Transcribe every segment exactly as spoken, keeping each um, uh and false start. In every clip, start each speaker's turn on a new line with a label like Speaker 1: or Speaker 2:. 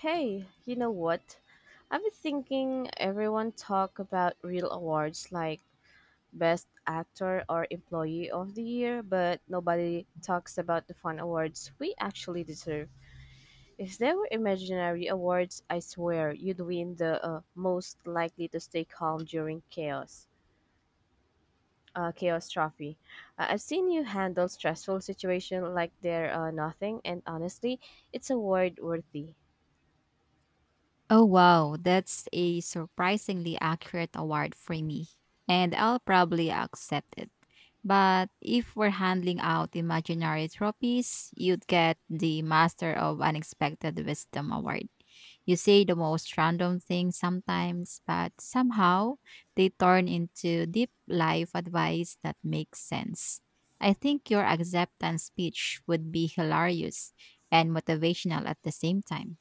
Speaker 1: Hey, you know what? I've been thinking everyone talk about real awards like Best Actor or Employee of the Year, but nobody talks about the fun awards we actually deserve. If there were imaginary awards, I swear you'd win the uh, most likely to stay calm during chaos. Uh, chaos trophy. Uh, I've seen you handle stressful situation like they're uh, nothing, and honestly, it's award worthy.
Speaker 2: Oh, wow. That's a surprisingly accurate award for me. And I'll probably accept it. But if we're handling out imaginary trophies, you'd get the Master of Unexpected Wisdom Award. You say the most random things sometimes, but somehow they turn into deep life advice that makes sense. I think your acceptance speech would be hilarious and motivational at the same time.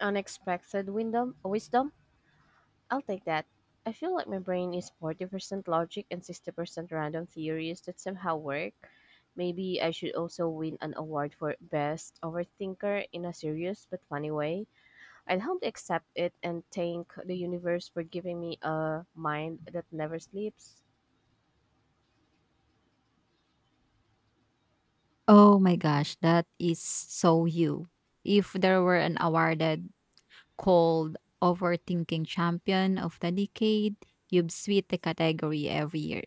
Speaker 1: Unexpected wisdom, wisdom I'll take that. I feel like my brain is forty percent logic and sixty percent random theories that somehow work. Maybe I should also win an award for Best Overthinker in a serious but funny way. I'd humbly accept it and thank the universe for giving me a mind that never sleeps.
Speaker 2: Oh my gosh, that is so you. If there were an awarded called Overthinking Champion of the Decade. You've swept the category every year.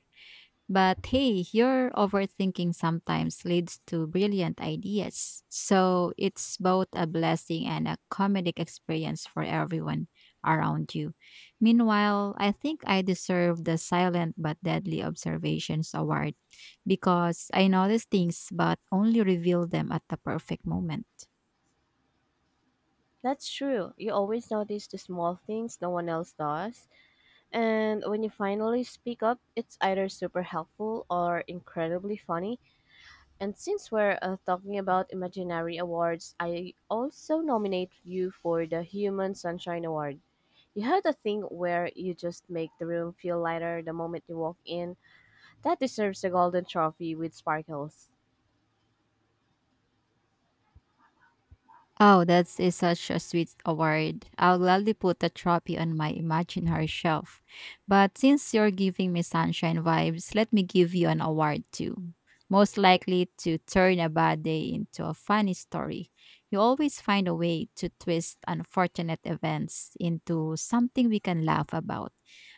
Speaker 2: But hey, your overthinking sometimes leads to brilliant ideas. So it's both a blessing and a comedic experience for everyone around you. Meanwhile, I think I deserve the Silent but Deadly Observations Award because I notice things but only reveal them at the perfect moment.
Speaker 1: That's true. You always notice the small things no one else does. And when you finally speak up, it's either super helpful or incredibly funny And since we're uh, talking about imaginary awards, I also nominate you for the Human Sunshine Award. You had a thing where you just make the room feel lighter the moment you walk in. That deserves a golden trophy with sparkles.
Speaker 2: Oh, that is such a sweet award. I'll gladly put the trophy on my imaginary shelf. But since you're giving me sunshine vibes, let me give you an award too. Most likely to turn a bad day into a funny story. You always find a way to twist unfortunate events into something we can laugh about.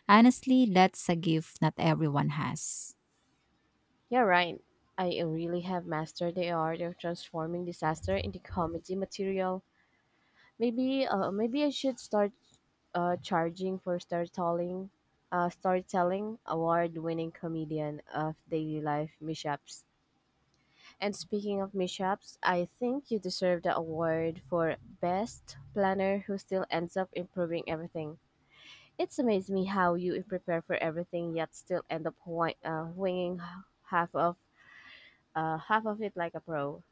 Speaker 2: Honestly, that's a gift not everyone has.
Speaker 1: You're right. I really have mastered the art of transforming disaster into comedy material. Maybe, uh, maybe I should start uh, charging for storytelling, uh, storytelling award-winning comedian of daily life mishaps. And speaking of mishaps, I think you deserve the award for best planner who still ends up improving everything. It's amazed me how you prepare for everything yet still end up wi- uh, winging half of uh, half of it like a pro.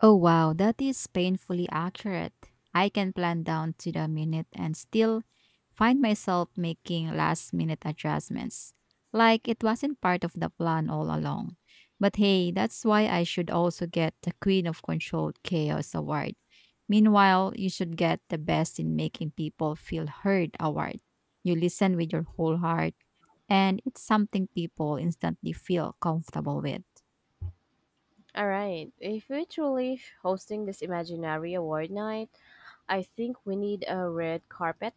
Speaker 2: Oh wow, that is painfully accurate. I can plan down to the minute and still find myself making last minute adjustments. Like it wasn't part of the plan all along. But hey, that's why I should also get the Queen of Controlled Chaos award. Meanwhile, you should get the best in making people feel heard award. You listen with your whole heart, and it's something people instantly feel comfortable with.
Speaker 1: All right, if we're truly hosting this imaginary award night, I think we need a red carpet.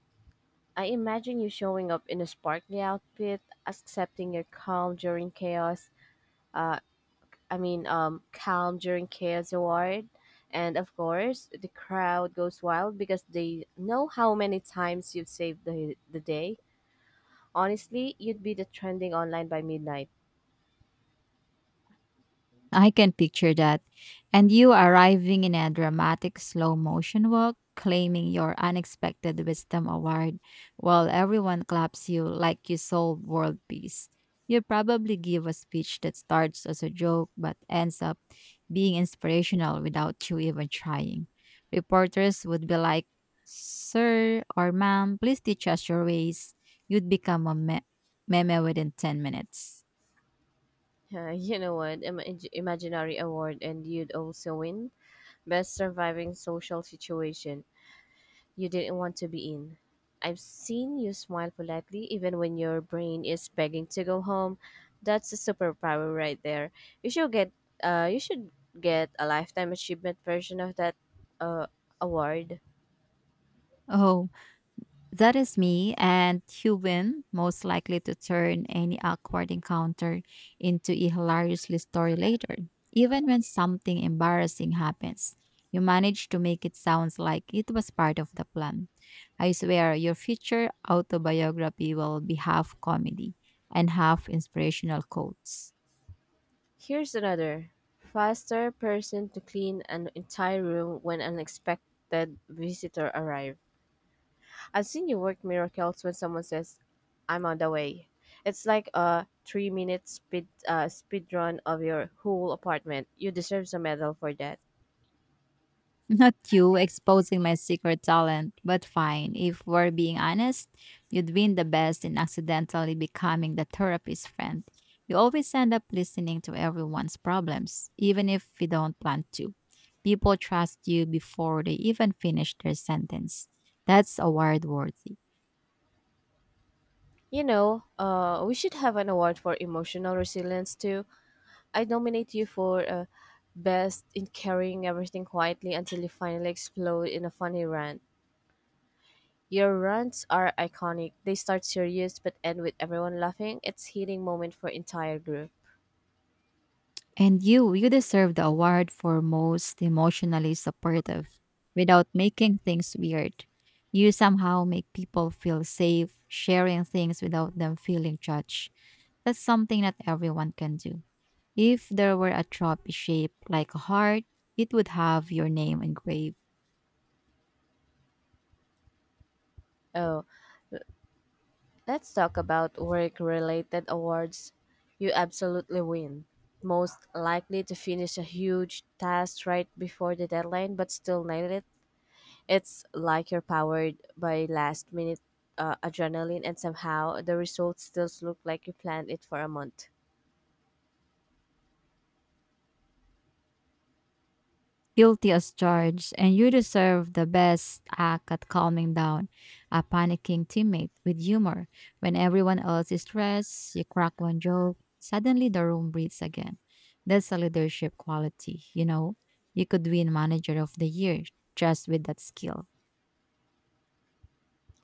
Speaker 1: I imagine you showing up in a sparkly outfit, accepting your calm during chaos, uh, I mean, um, Calm During Chaos Award. And of course, the crowd goes wild because they know how many times you've saved the, the day. Honestly, you'd be the trending online by midnight.
Speaker 2: I can picture that. And you arriving in a dramatic slow motion walk, claiming your unexpected wisdom award, while everyone claps you like you solved world peace. You probably give a speech that starts as a joke but ends up being inspirational without you even trying. Reporters would be like, "Sir or ma'am, please teach us your ways." You'd become a me- meme within ten minutes.
Speaker 1: Uh, you know what? Im- imaginary award, and you'd also win Best Surviving Social Situation. you didn't want to be in. I've seen you smile politely even when your brain is begging to go home. That's a superpower right there. You should get uh you should get a lifetime achievement version of that uh award.
Speaker 2: Oh, that is me, and you win, most likely to turn any awkward encounter into a hilariously story later. Even when something embarrassing happens, you manage to make it sound like it was part of the plan. I swear, your future autobiography will be half comedy and half inspirational quotes.
Speaker 1: Here's another. Faster person to clean an entire room when unexpected visitor arrives. I've seen you work miracles when someone says, "I'm on the way." It's like a three-minute speed uh, speed run of your whole apartment. You deserve a medal for that.
Speaker 2: Not you exposing my secret talent, but fine. If we're being honest, you'd win the best in accidentally becoming the therapist's friend. You always end up listening to everyone's problems, even if you don't plan to. People trust you before they even finish their sentence. That's award worthy.
Speaker 1: You know, uh, we should have an award for emotional resilience too. I nominate you for uh, best in carrying everything quietly until you finally explode in a funny rant. Your rants are iconic. They start serious but end with everyone laughing. It's heating moment for entire group.
Speaker 2: And you, you deserve the award for most emotionally supportive. Without making things weird, you somehow make people feel safe sharing things without them feeling judged. That's something that everyone can do. If there were a trophy shape like a heart, it would have your name engraved.
Speaker 1: Oh, let's talk about work related awards. You absolutely win. Most likely to finish a huge task right before the deadline but still nail it. It's like you're powered by last minute uh, adrenaline and somehow the results still look like you planned it for a month.
Speaker 2: Guilty as charged, and you deserve the best act at calming down a panicking teammate with humor. When everyone else is stressed, you crack one joke, suddenly the room breathes again. That's a leadership quality, you know? You could win Manager of the Year just with that skill.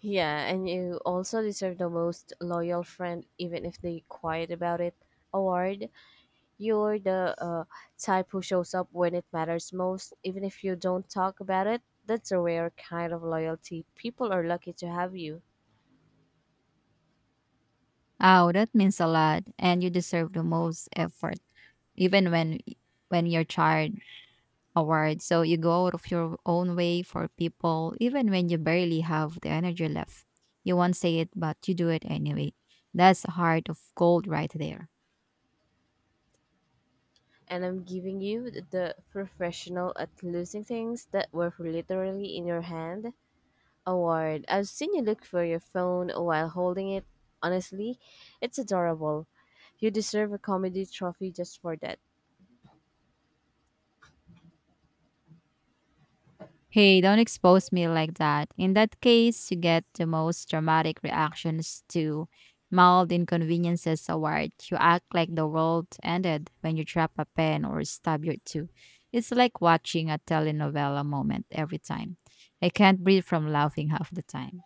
Speaker 1: Yeah, and you also deserve the most loyal friend even if they quiet about it award. You're the uh, type who shows up when it matters most, even if you don't talk about it. That's a rare kind of loyalty. People are lucky to have you.
Speaker 2: Oh, that means a lot, and you deserve the most effort, even when when you're tired, award. So you go out of your own way for people, even when you barely have the energy left. You won't say it, but you do it anyway. That's a heart of gold right there.
Speaker 1: And I'm giving you th- the professional at losing things that were literally in your hand award. I've seen you look for your phone while holding it. Honestly, it's adorable. You deserve a comedy trophy just for that.
Speaker 2: Hey, don't expose me like that. In that case, you get the most dramatic reactions to mild inconveniences award. You act like the world ended when you drop a pen or stab your tooth. It's like watching a telenovela moment every time. I can't breathe from laughing half the time.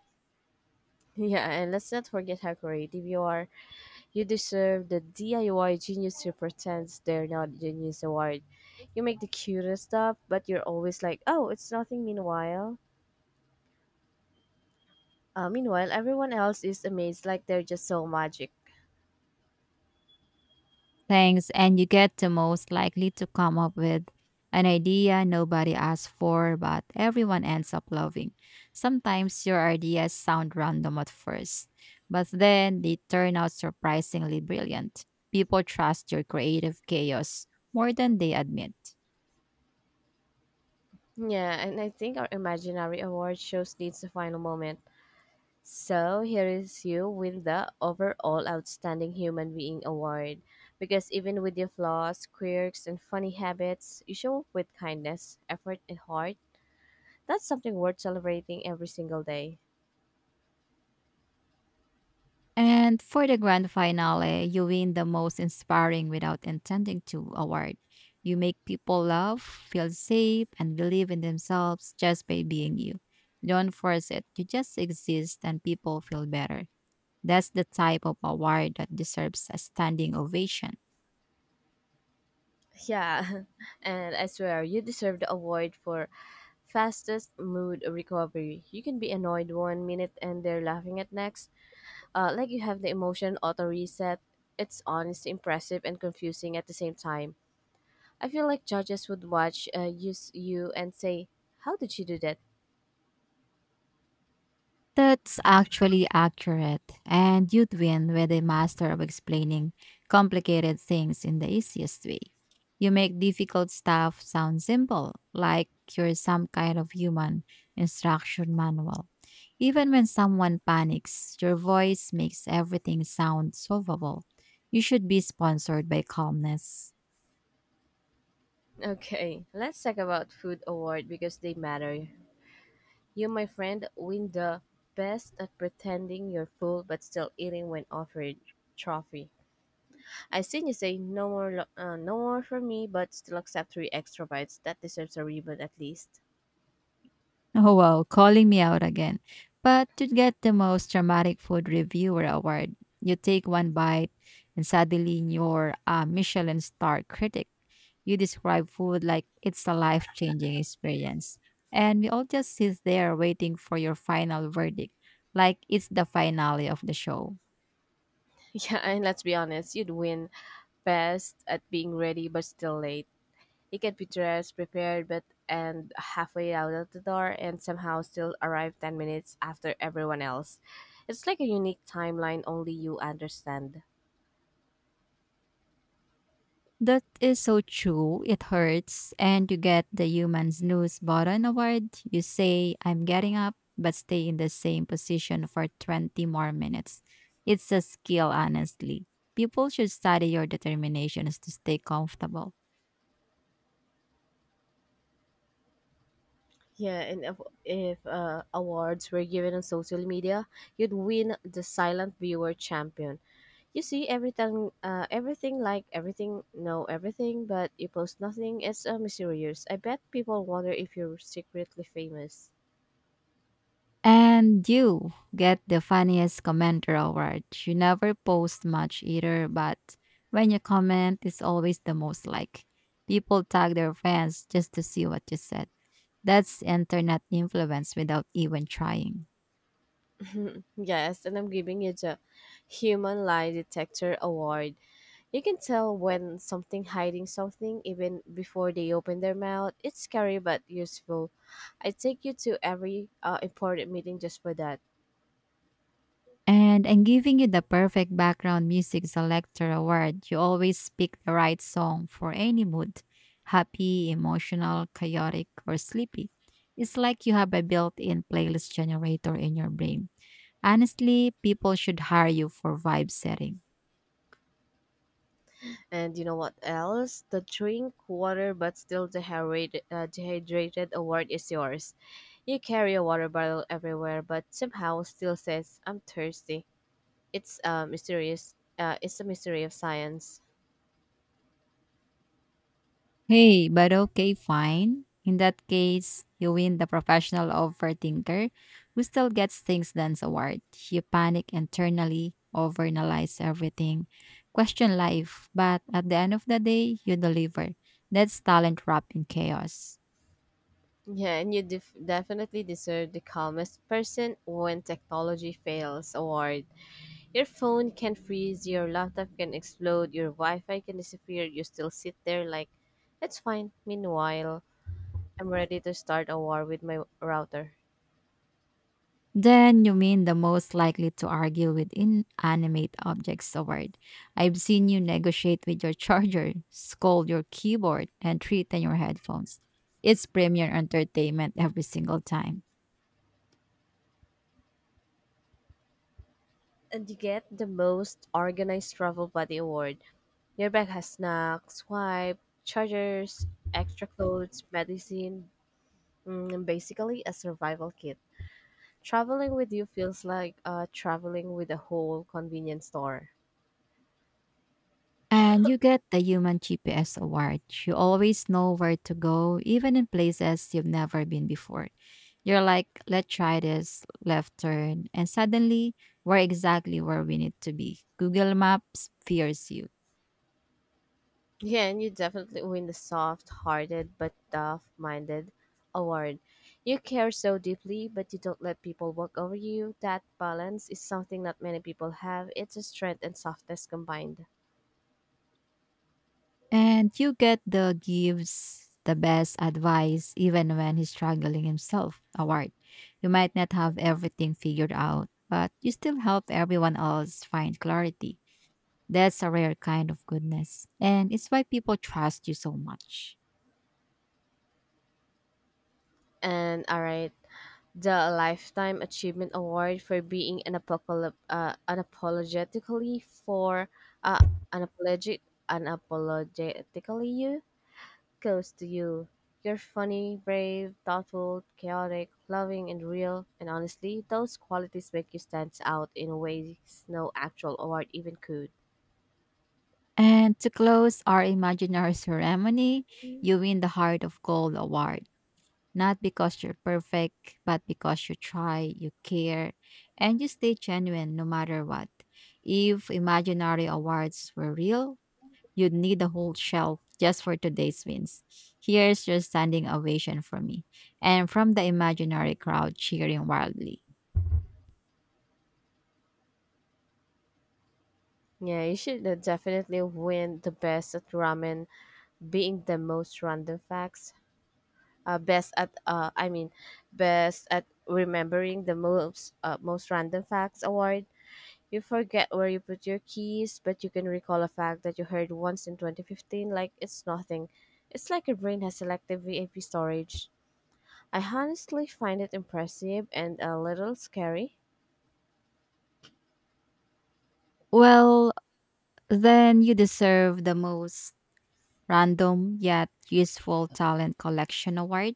Speaker 1: Yeah, and let's not forget how creative you are. You deserve the D I Y Genius Who Pretends They're Not Genius Award. You make the cutest stuff, but you're always like, oh, it's nothing meanwhile. Uh, meanwhile, everyone else is amazed like they're just so magic.
Speaker 2: Thanks, and you get the most likely to come up with an idea nobody asked for, but everyone ends up loving. Sometimes your ideas sound random at first, but then they turn out surprisingly brilliant. People trust your creative chaos more than they admit.
Speaker 1: Yeah, and I think our imaginary award shows needs the final moment. So here is you win the overall outstanding human being award. Because even with your flaws, quirks, and funny habits, you show up with kindness, effort, and heart. That's something worth celebrating every single day.
Speaker 2: And for the grand finale, you win the most inspiring without intending to award. You make people love, feel safe, and believe in themselves just by being you. Don't force it. You just exist and people feel better. That's the type of award that deserves a standing ovation.
Speaker 1: Yeah, and I swear you deserve the award for fastest mood recovery. You can be annoyed one minute and they're laughing at next. Uh, like you have the emotion auto reset. It's honestly impressive and confusing at the same time. I feel like judges would watch uh, use you and say, "How did she do that?"
Speaker 2: That's actually accurate, and you'd win with a master of explaining complicated things in the easiest way. You make difficult stuff sound simple, like you're some kind of human instruction manual. Even when someone panics, your voice makes everything sound solvable. You should be sponsored by calmness.
Speaker 1: Okay, let's talk about food award because they matter. You, my friend, win the best at pretending you're full but still eating when offered trophy. I seen you say no more, lo- uh, no more for me, but still accept three extra bites. That deserves a ribbon at least.
Speaker 2: Oh wow, calling me out again. But to get the most dramatic food reviewer award, you take one bite and suddenly you're a Michelin star critic. You describe food like it's a life changing experience. And we all just sit there waiting for your final verdict, like it's the finale of the show.
Speaker 1: Yeah, and let's be honest, you'd win best at being ready but still late. You can be dressed, prepared, but and halfway out of the door, and somehow still arrive ten minutes after everyone else. It's like a unique timeline only you understand.
Speaker 2: That is so true. It hurts. And you get the human snooze button award. You say, "I'm getting up," but stay in the same position for twenty more minutes. It's a skill, honestly. People should study your determinations to stay comfortable.
Speaker 1: Yeah, and if, if uh, awards were given on social media, you'd win the silent viewer champion. You see everything, uh, everything like everything, know everything, but you post nothing. It's uh, mysterious. I bet people wonder if you're secretly famous.
Speaker 2: And you get the funniest commenter award. You never post much either, but when you comment, it's always the most like. People tag their friends just to see what you said. That's internet influence without even trying.
Speaker 1: Yes, and I'm giving you the Human Lie Detector Award. You can tell when something hiding something even before they open their mouth. It's scary but useful. I take you to every uh, important meeting just for that.
Speaker 2: And I'm giving you the perfect background music selector award. You always pick the right song for any mood, happy, emotional, chaotic, or sleepy. It's like you have a built in playlist generator in your brain. Honestly, people should hire you for vibe setting.
Speaker 1: And you know what else? The drink water but still dehydrated, uh, dehydrated award is yours. You carry a water bottle everywhere, but somehow still says, I'm thirsty. It's uh, mysterious. Uh, it's a mystery of science.
Speaker 2: Hey, but okay, fine. In that case, you win the professional overthinker who still gets things done award. You panic internally, overanalyze everything, question life, but at the end of the day, you deliver. That's talent wrapped in chaos.
Speaker 1: Yeah, and you def- definitely deserve the calmest person when technology fails award. Your phone can freeze, your laptop can explode, your Wi Fi can disappear. You still sit there like, it's fine. Meanwhile, I'm ready to start a war with my router.
Speaker 2: Then you mean the most likely to argue with inanimate objects award. I've seen you negotiate with your charger, scold your keyboard, and threaten your headphones. It's premier entertainment every single time.
Speaker 1: And you get the most organized travel buddy award. Your bag has snacks, wipe, chargers, extra clothes, medicine, mm, basically a survival kit. Traveling with you feels like uh, traveling with a whole convenience store.
Speaker 2: And you get the Human G P S Award. You always know where to go, even in places you've never been before. You're like, let's try this left turn. And suddenly, we're exactly where we need to be. Google Maps fears you.
Speaker 1: Yeah, and you definitely win the soft hearted but tough minded award. You care so deeply, but you don't let people walk over you. That balance is something not many people have. It's a strength and softness combined.
Speaker 2: And you get the gives the best advice, even when he's struggling himself award. You might not have everything figured out, but you still help everyone else find clarity. That's a rare kind of goodness, and it's why people trust you so much.
Speaker 1: And all right, the Lifetime Achievement Award for being an apocalip- uh, unapologetically for uh, unapologetic unapologetically you goes to you. You're funny, brave, thoughtful, chaotic, loving, and real. And honestly, those qualities make you stand out in ways no actual award even could.
Speaker 2: And to close our imaginary ceremony, you win the Heart of Gold Award, not because you're perfect, but because you try, you care, and you stay genuine no matter what. If imaginary awards were real, you'd need a whole shelf just for today's wins. Here's your standing ovation from me, and from the imaginary crowd cheering wildly.
Speaker 1: Yeah, you should uh, definitely win the best at ramen, being the most random facts uh, best at uh, I mean best at remembering the most uh, most random facts award. You forget where you put your keys, but you can recall a fact that you heard once in twenty fifteen like it's nothing. It's like your brain has selective V A P storage. I honestly find it impressive and a little scary.
Speaker 2: Well, then you deserve the most random yet useful talent collection award.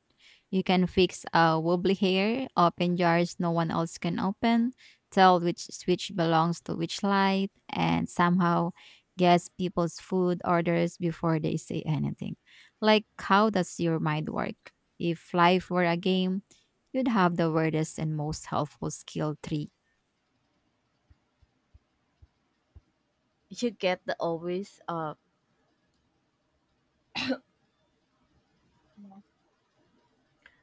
Speaker 2: You can fix a wobbly hair, open jars no one else can open, tell which switch belongs to which light, and somehow guess people's food orders before they say anything. Like, how does your mind work? If life were a game, you'd have the weirdest and most helpful skill tree.
Speaker 1: You get the always uh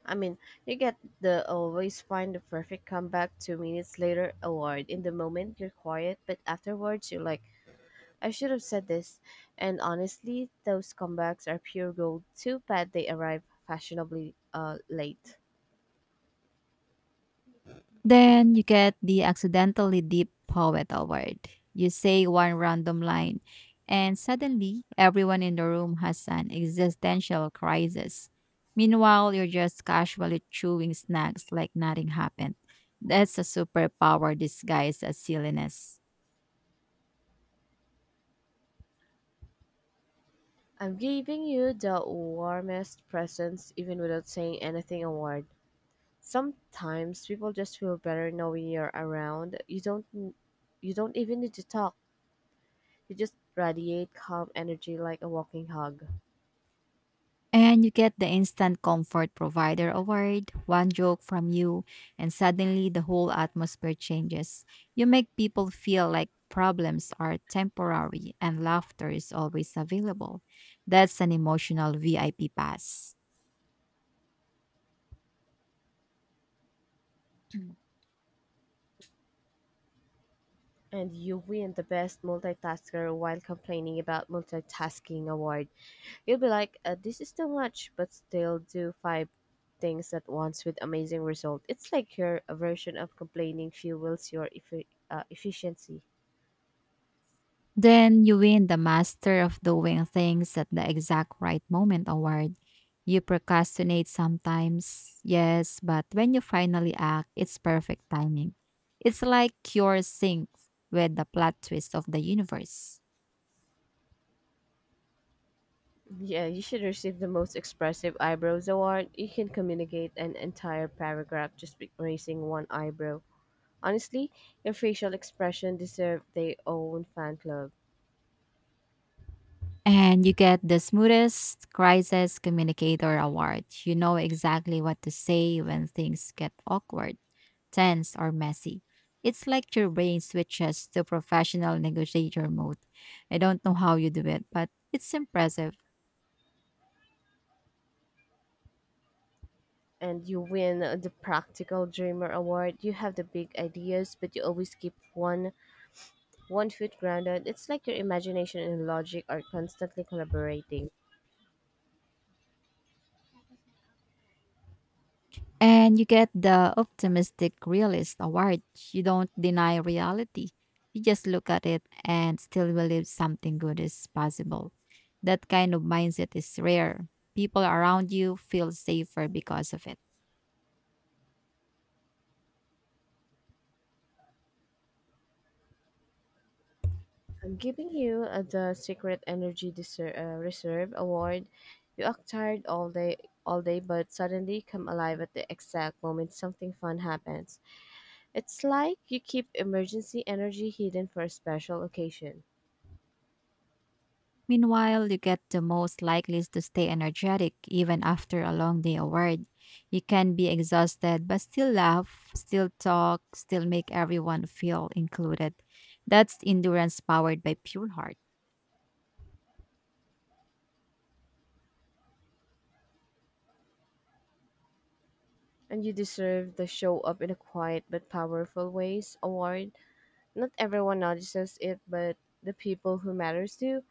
Speaker 1: I mean, you get the always find the perfect comeback two minutes later award. In the moment, you're quiet, but afterwards, you're like, I should have said this, and honestly, those comebacks are pure gold. Too bad they arrive fashionably uh, late.
Speaker 2: Then you get the accidentally deep poet award. You say one random line, and suddenly everyone in the room has an existential crisis. Meanwhile, you're just casually chewing snacks like nothing happened. That's a superpower disguised as silliness.
Speaker 1: I'm giving you the warmest presents even without saying anything award. Sometimes people just feel better knowing you're around. You don't you don't even need to talk. You just radiate calm energy like a walking hug.
Speaker 2: And you get the instant comfort provider award, one joke from you, and suddenly the whole atmosphere changes. You make people feel like problems are temporary and laughter is always available. That's an emotional V I P pass.
Speaker 1: And you win the best multitasker while complaining about multitasking award. You'll be like, uh, this is too much, but still do five things at once with amazing result. It's like your version of complaining fuels your effi- uh, efficiency.
Speaker 2: Then you win the Master of Doing Things at the Exact Right Moment award. You procrastinate sometimes, yes, but when you finally act, it's perfect timing. It's like you're synced with the plot twist of the universe.
Speaker 1: Yeah, you should receive the most expressive eyebrows award. You can communicate an entire paragraph just by raising one eyebrow. Honestly, your facial expression deserve their own fan club.
Speaker 2: And you get the smoothest crisis communicator award. You know exactly what to say when things get awkward, tense, or messy. It's like your brain switches to professional negotiator mode. I don't know how you do it, but it's impressive.
Speaker 1: And you win the Practical Dreamer Award. You have the big ideas, but you always keep one one foot grounded. It's like your imagination and logic are constantly collaborating.
Speaker 2: And you get the optimistic realist award. You don't deny reality. You just look at it and still believe something good is possible. That kind of mindset is rare. People around you feel safer because of it.
Speaker 1: I'm giving you uh, the Secret Energy Deser- uh, Reserve Award. You act tired all day, all day, but suddenly come alive at the exact moment something fun happens. It's like you keep emergency energy hidden for a special occasion.
Speaker 2: Meanwhile, you get the most likely to stay energetic even after a long day of work. You can be exhausted but still laugh, still talk, still make everyone feel included. That's endurance powered by pure heart.
Speaker 1: And you deserve the show up in a quiet but powerful ways award. Not everyone notices it, but the people who matters to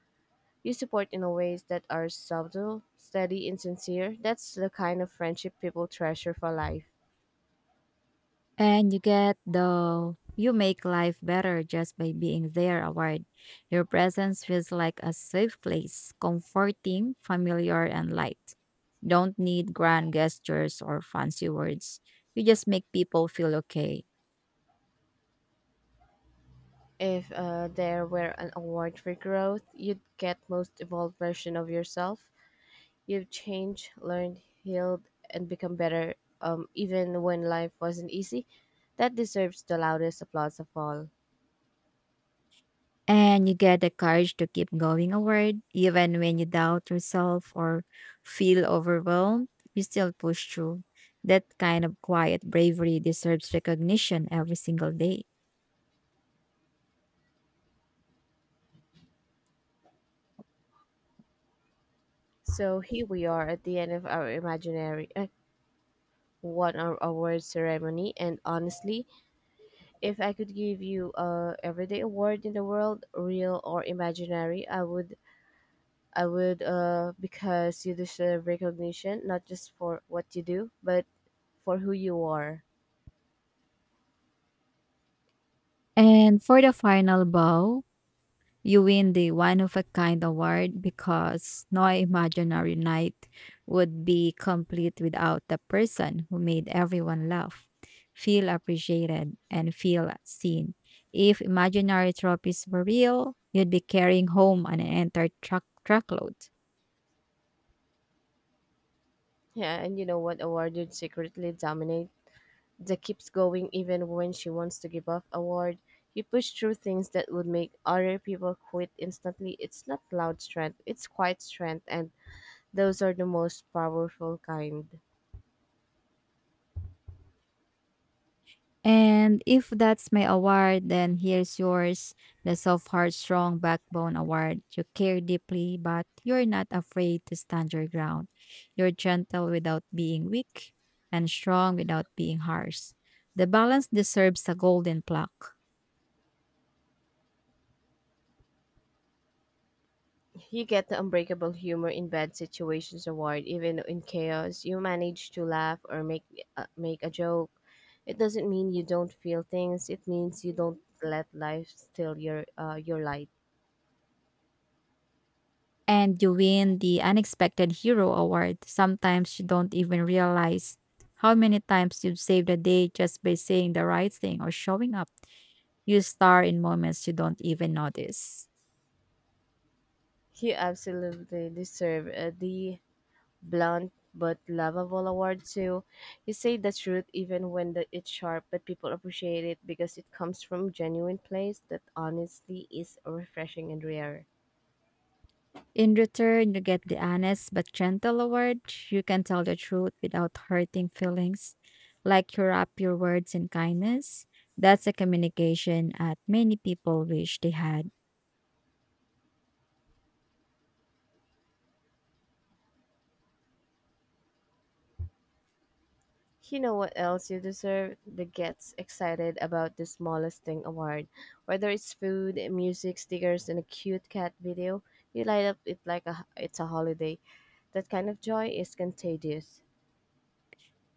Speaker 1: you support in ways that are subtle, steady, and sincere. That's the kind of friendship people treasure for life.
Speaker 2: And you get the you make life better just by being there award. Your presence feels like a safe place, comforting, familiar, and light. Don't need grand gestures or fancy words. You just make people feel okay.
Speaker 1: If uh, there were an award for growth, you'd get most evolved version of yourself. You've changed, learned, healed, and become better, um, even when life wasn't easy. That deserves the loudest applause of all.
Speaker 2: And you get the courage to keep going forward, even when you doubt yourself or feel overwhelmed, you still push through. That kind of quiet bravery deserves recognition every single day.
Speaker 1: So here we are at the end of our imaginary uh, one hour award ceremony, and honestly, if I could give you a everyday award in the world, real or imaginary, I would I would uh because you deserve recognition not just for what you do, but for who you are.
Speaker 2: And for the final bow, you win the one of a kind award because no imaginary night would be complete without the person who made everyone laugh, feel appreciated, and feel seen. If imaginary trophies were real, you'd be carrying home an entire truck truckload.
Speaker 1: Yeah, and you know what award you'd secretly dominate? That keeps going even when she wants to give up award. You push through things that would make other people quit instantly. It's not loud strength, it's quiet strength, and those are the most powerful kind.
Speaker 2: And if that's my award, then here's yours, the Soft Heart Strong Backbone Award. You care deeply, but you're not afraid to stand your ground. You're gentle without being weak and strong without being harsh. The balance deserves a golden plaque.
Speaker 1: You get the Unbreakable Humor in Bad Situations award. Even in chaos, you manage to laugh or make uh, make a joke. It doesn't mean you don't feel things. It means you don't let life steal your uh, your light.
Speaker 2: And you win the Unexpected Hero Award. Sometimes you don't even realize how many times you've saved the day just by saying the right thing or showing up. You star in moments you don't even notice.
Speaker 1: You absolutely deserve uh, the blunt but lovable award too. You say the truth even when the, it's sharp, but people appreciate it because it comes from genuine place that honestly is refreshing and rare.
Speaker 2: In return, you get the honest but gentle award. You can tell the truth without hurting feelings, like you wrap your words in kindness. That's a communication that many people wish they had.
Speaker 1: You know what else you deserve? The gets excited about the smallest thing award. Whether it's food, music, stickers, and a cute cat video, you light up it like a, it's a holiday. That kind of joy is contagious.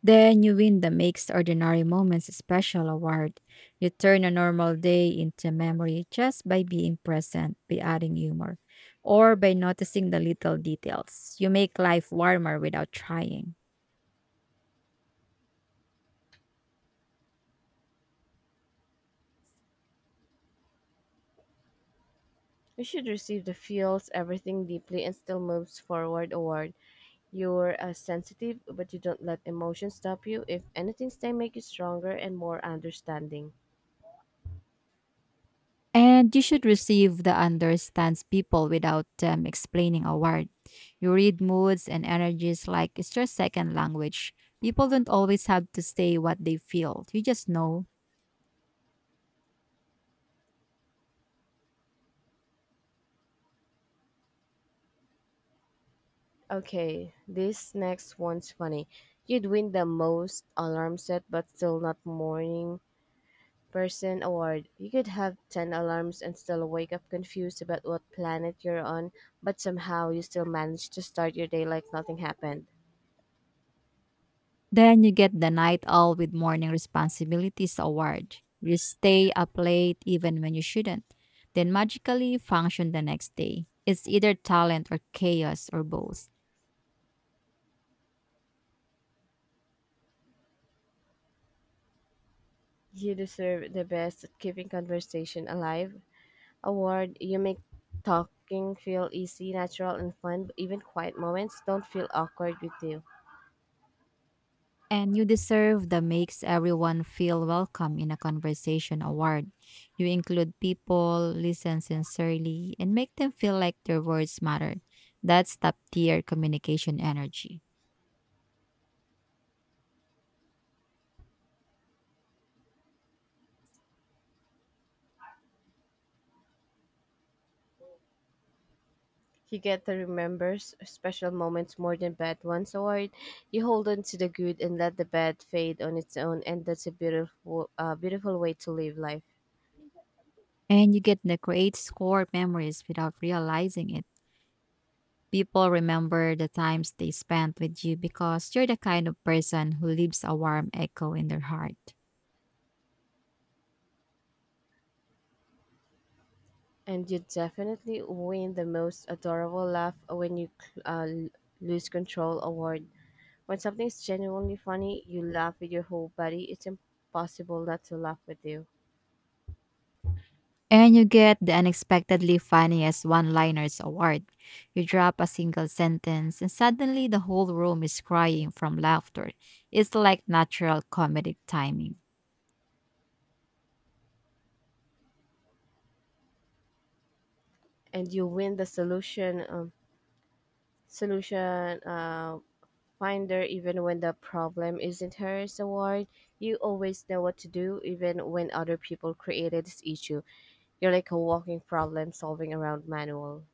Speaker 2: Then you win the makes ordinary moments special award. You turn a normal day into memory just by being present, by adding humor, or by noticing the little details. You make life warmer without trying.
Speaker 1: You should receive the feels everything deeply and still moves forward award. You're uh, sensitive, but you don't let emotions stop you. If anything, they make you stronger and more understanding.
Speaker 2: And you should receive the understands people without um, explaining a word. You read moods and energies like it's your second language. People don't always have to say what they feel. You just know.
Speaker 1: Okay, this next one's funny. You'd win the most alarm set but still not morning person award. You could have ten alarms and still wake up confused about what planet you're on, but somehow you still manage to start your day like nothing happened.
Speaker 2: Then you get the night owl with morning responsibilities award. You stay up late even when you shouldn't, then magically function the next day. It's either talent or chaos or both.
Speaker 1: You deserve the best at keeping conversation alive award. You make talking feel easy, natural, and fun. Even quiet moments don't feel awkward with you.
Speaker 2: And you deserve the makes everyone feel welcome in a conversation award. You include people, listen sincerely, and make them feel like their words matter. That's top tier communication energy.
Speaker 1: You get Higueta remembers special moments more than bad ones, or you hold on to the good and let the bad fade on its own, and that's a beautiful, uh, beautiful way to live life.
Speaker 2: And you get the create score memories without realizing it. People remember the times they spent with you because you're the kind of person who leaves a warm echo in their heart.
Speaker 1: And you definitely win the most adorable laugh when you cl- uh, l- lose control award. When something's genuinely funny, you laugh with your whole body. It's impossible not to laugh with you,
Speaker 2: And you get the unexpectedly funniest one liners award. You drop a single sentence, and suddenly the whole room is crying from laughter. It's like natural comedic timing.
Speaker 1: and you win the solution. Um, solution. Uh, Finder, even when the problem isn't hers, award. You always know what to do, even when other people created this issue. You're like a walking problem solving around manual.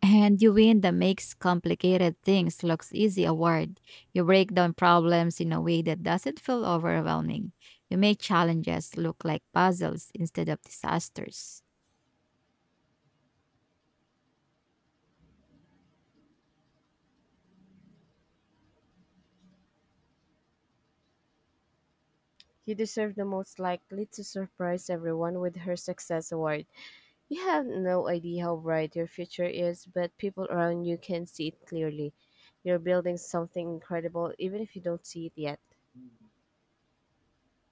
Speaker 2: And you win that makes complicated things looks easy award. You break down problems in a way that doesn't feel overwhelming. You make challenges look like puzzles instead of disasters.
Speaker 1: You deserve the most likely to surprise everyone with her success award. You have no idea how bright your future is, but people around you can see it clearly. You're building something incredible, even if you don't see it yet.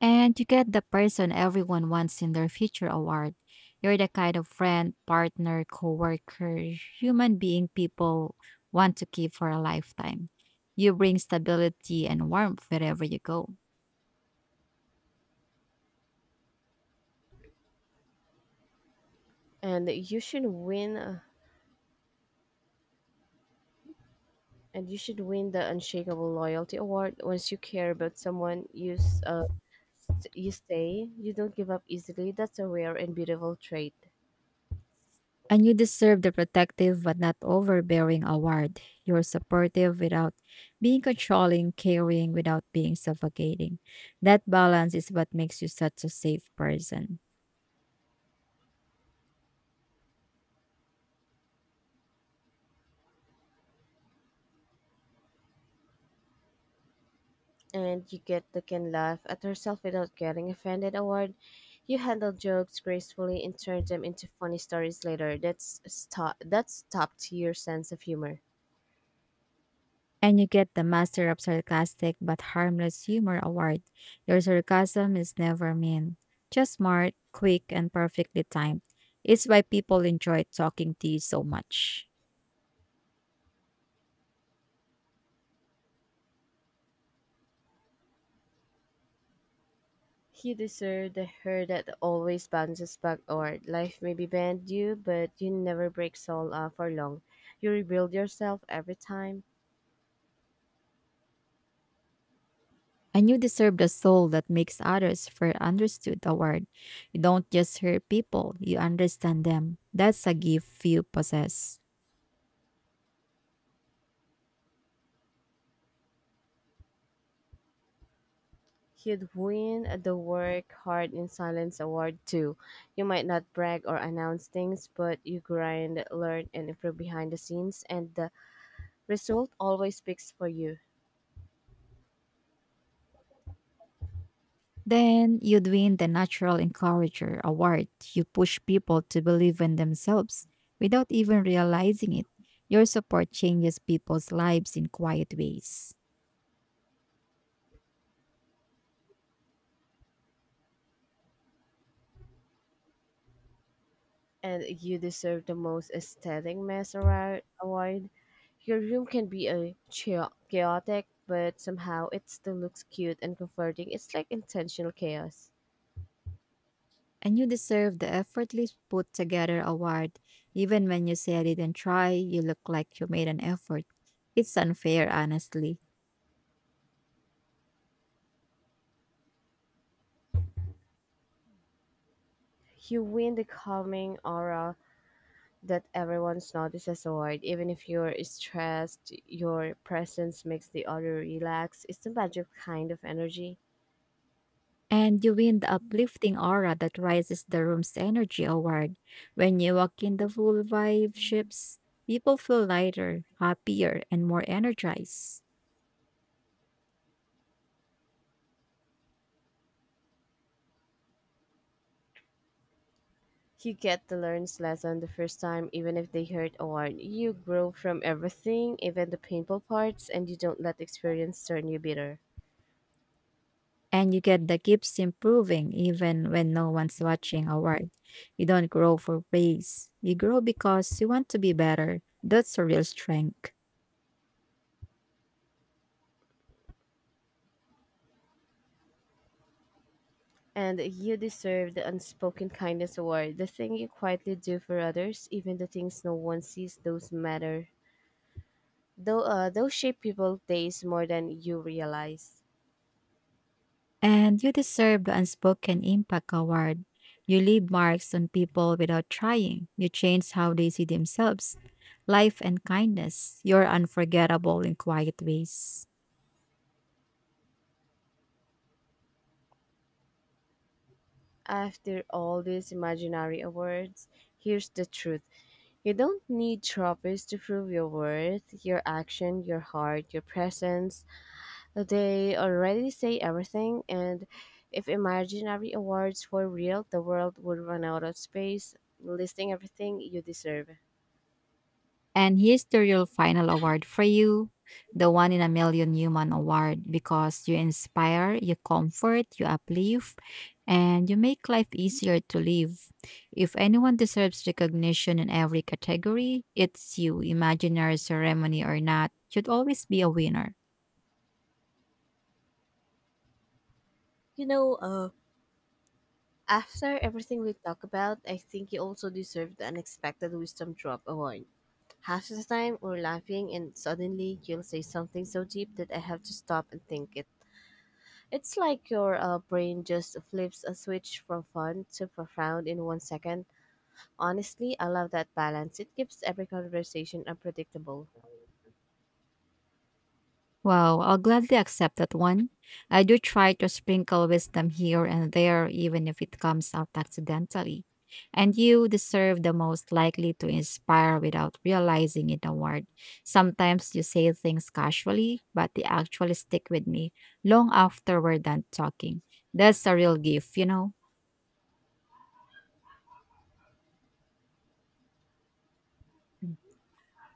Speaker 2: And you get the person everyone wants in their future award. You're the kind of friend, partner, coworker, human being people want to keep for a lifetime. You bring stability and warmth wherever you go.
Speaker 1: And you should win uh, And you should win the Unshakable Loyalty Award. Once you care about someone, you, s- uh, s- you stay. You don't give up easily. That's a rare and beautiful trait.
Speaker 2: And you deserve the protective but not overbearing award. You're supportive without being controlling, caring without being suffocating. That balance is what makes you such a safe person.
Speaker 1: And you get the can laugh at herself without getting offended award. You handle jokes gracefully and turn them into funny stories later. That's sto- that's top tier sense of humor.
Speaker 2: And you get the Master of Sarcastic but Harmless Humor Award. Your sarcasm is never mean, just smart, quick, and perfectly timed. It's why people enjoy talking to you so much.
Speaker 1: He deserved the her that always bounces back award. Life may be banned you, but you never break soul uh, for long. You rebuild yourself every time.
Speaker 2: And you deserve the soul that makes others feel understood award. You don't just hurt people, you understand them. That's a gift few possess.
Speaker 1: He'd win the Work Hard in Silence award too. You might not brag or announce things, but you grind, learn, and improve behind the scenes, and the result always speaks for you.
Speaker 2: Then you'd win the Natural Encourager Award. You push people to believe in themselves without even realizing it. Your support changes people's lives in quiet ways.
Speaker 1: And you deserve the most aesthetic mess around award. Your room can be a chao- chaotic, but somehow it still looks cute and comforting. It's like intentional chaos.
Speaker 2: And you deserve the effortless put together award. Even when you say I didn't try, you look like you made an effort. It's unfair, honestly.
Speaker 1: You win the calming aura that everyone's notice as a word. Even if you're stressed, your presence makes the other relax. It's the magic kind of energy.
Speaker 2: And you win the uplifting aura that rises the room's energy award. When you walk in, the full vibe shifts. People feel lighter, happier, and more energized.
Speaker 1: You get to learn's lesson the first time, even if they hurt a word. You grow from everything, even the painful parts, and you don't let experience turn you bitter.
Speaker 2: And you get the keeps improving even when no one's watching award. You don't grow for praise. You grow because you want to be better. That's a real strength.
Speaker 1: And you deserve the unspoken kindness award, the thing you quietly do for others, even the things no one sees, those matter. Though uh, Those shape people's days more than you realize.
Speaker 2: And you deserve the Unspoken Impact Award. You leave marks on people without trying. You change how they see themselves, life, and kindness. You're unforgettable in quiet ways.
Speaker 1: After all these imaginary awards, here's the truth. You don't need trophies to prove your worth, your action, your heart, your presence. They already say everything, and if imaginary awards were real, the world would run out of space, listing everything you deserve.
Speaker 2: And here's the real final award for you, the One in a Million Human Award, because you inspire, you comfort, you uplift, and you make life easier to live. If anyone deserves recognition in every category, it's you. Imaginary ceremony or not, should always be a winner.
Speaker 1: You know, uh, after everything we talk about, I think you also deserve the Unexpected Wisdom Drop Award. Half the time we're laughing and suddenly you'll say something so deep that I have to stop and think it. It's like your uh, brain just flips a switch from fun to profound in one second. Honestly, I love that balance. It keeps every conversation unpredictable.
Speaker 2: Wow, I'll gladly accept that one. I do try to sprinkle wisdom here and there, even if it comes out accidentally. And you deserve the most likely to inspire without realizing it award. Sometimes you say things casually, but they actually stick with me long after we're done talking. That's a real gift, you know?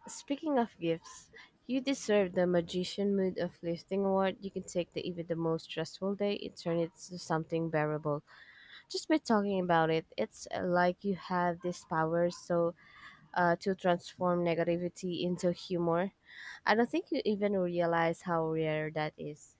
Speaker 1: Speaking of gifts, you deserve the magician mood of lifting award. You can take the even the most stressful day and turn it to something bearable. Just by talking about it, it's uh, like you have this power so uh, to transform negativity into humor. I don't think you even realize how rare that is.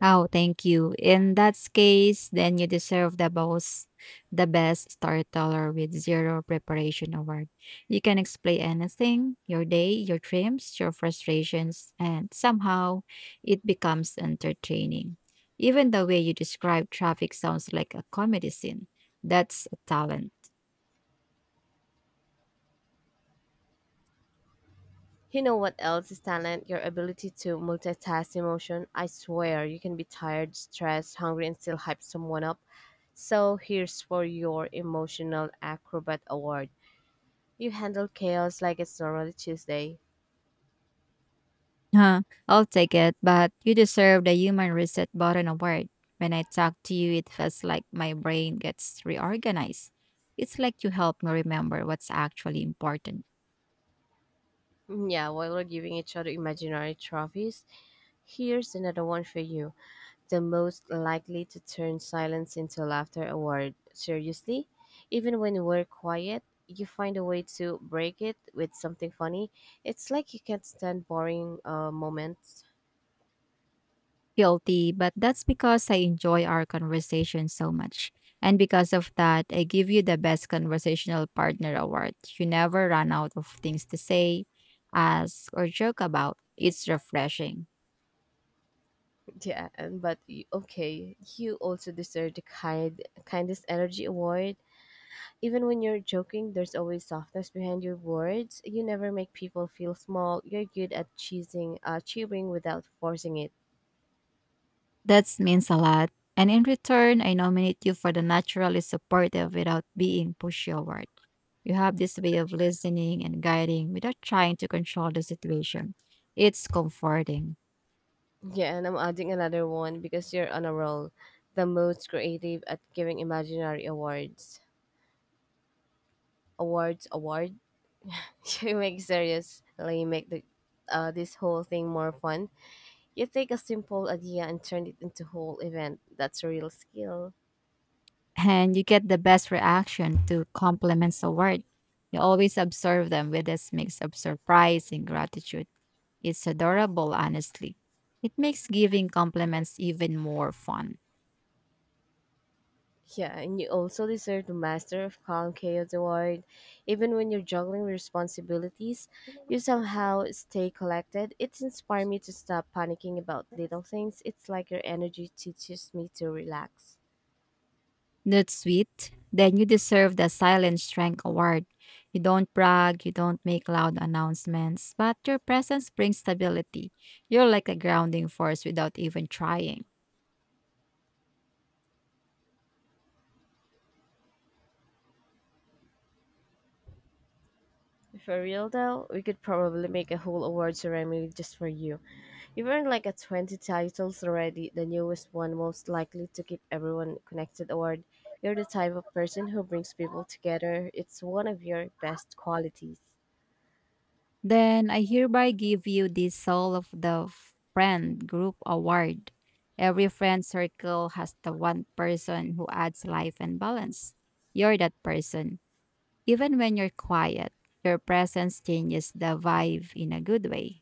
Speaker 2: Oh, thank you. In that case, then you deserve the most, the best storyteller with zero preparation award. You can explain anything, your day, your dreams, your frustrations, and somehow it becomes entertaining. Even the way you describe traffic sounds like a comedy scene. That's a talent.
Speaker 1: You know what else is talent? Your ability to multitask emotion. I swear, you can be tired, stressed, hungry, and still hype someone up. So here's for your emotional acrobat award. You handle chaos like it's normally Tuesday.
Speaker 2: Huh, I'll take it, but you deserve the human reset button award. When I talk to you, it feels like my brain gets reorganized. It's like you help me remember what's actually important.
Speaker 1: Mm, yeah, while we're giving each other imaginary trophies, here's another one for you: the most likely to turn silence into laughter award. Seriously, even when we're quiet, you find a way to break it with something funny. It's like you can't stand boring uh, moments.
Speaker 2: Guilty, but that's because I enjoy our conversation so much. And because of that, I give you the best conversational partner award. You never run out of things to say, ask, or joke about. It's refreshing.
Speaker 1: Yeah, and but you, okay, you also deserve the kind kindest energy award. Even when you're joking, there's always softness behind your words. You never make people feel small. You're good at cheesing, uh, cheering without forcing it.
Speaker 2: That means a lot. And in return, I nominate you for the naturally supportive without being pushover. You have this way of listening and guiding without trying to control the situation. It's comforting.
Speaker 1: Yeah, and I'm adding another one because you're on a roll. The most creative at giving imaginary awards. Awards, award. You make seriously make the uh, this whole thing more fun. You take a simple idea and turn it into whole event. That's a real skill.
Speaker 2: And you get the best reaction to compliments award. You always observe them with this mix of surprise and gratitude. It's adorable, honestly. It makes giving compliments even more fun.
Speaker 1: Yeah, and you also deserve the Master of Calm Chaos Award. Even when you're juggling responsibilities, you somehow stay collected. It's inspired me to stop panicking about little things. It's like your energy teaches me to relax.
Speaker 2: Not sweet. Then you deserve the Silent Strength Award. You don't brag, you don't make loud announcements, but your presence brings stability. You're like a grounding force without even trying.
Speaker 1: For real though, we could probably make a whole award ceremony just for you. You've earned like a twenty titles already, the newest one most likely to keep everyone connected award. You're the type of person who brings people together. It's one of your best qualities.
Speaker 2: Then I hereby give you the Soul of the Friend Group Award. Every friend circle has the one person who adds life and balance. You're that person. Even when you're quiet, your presence changes the vibe in a good way.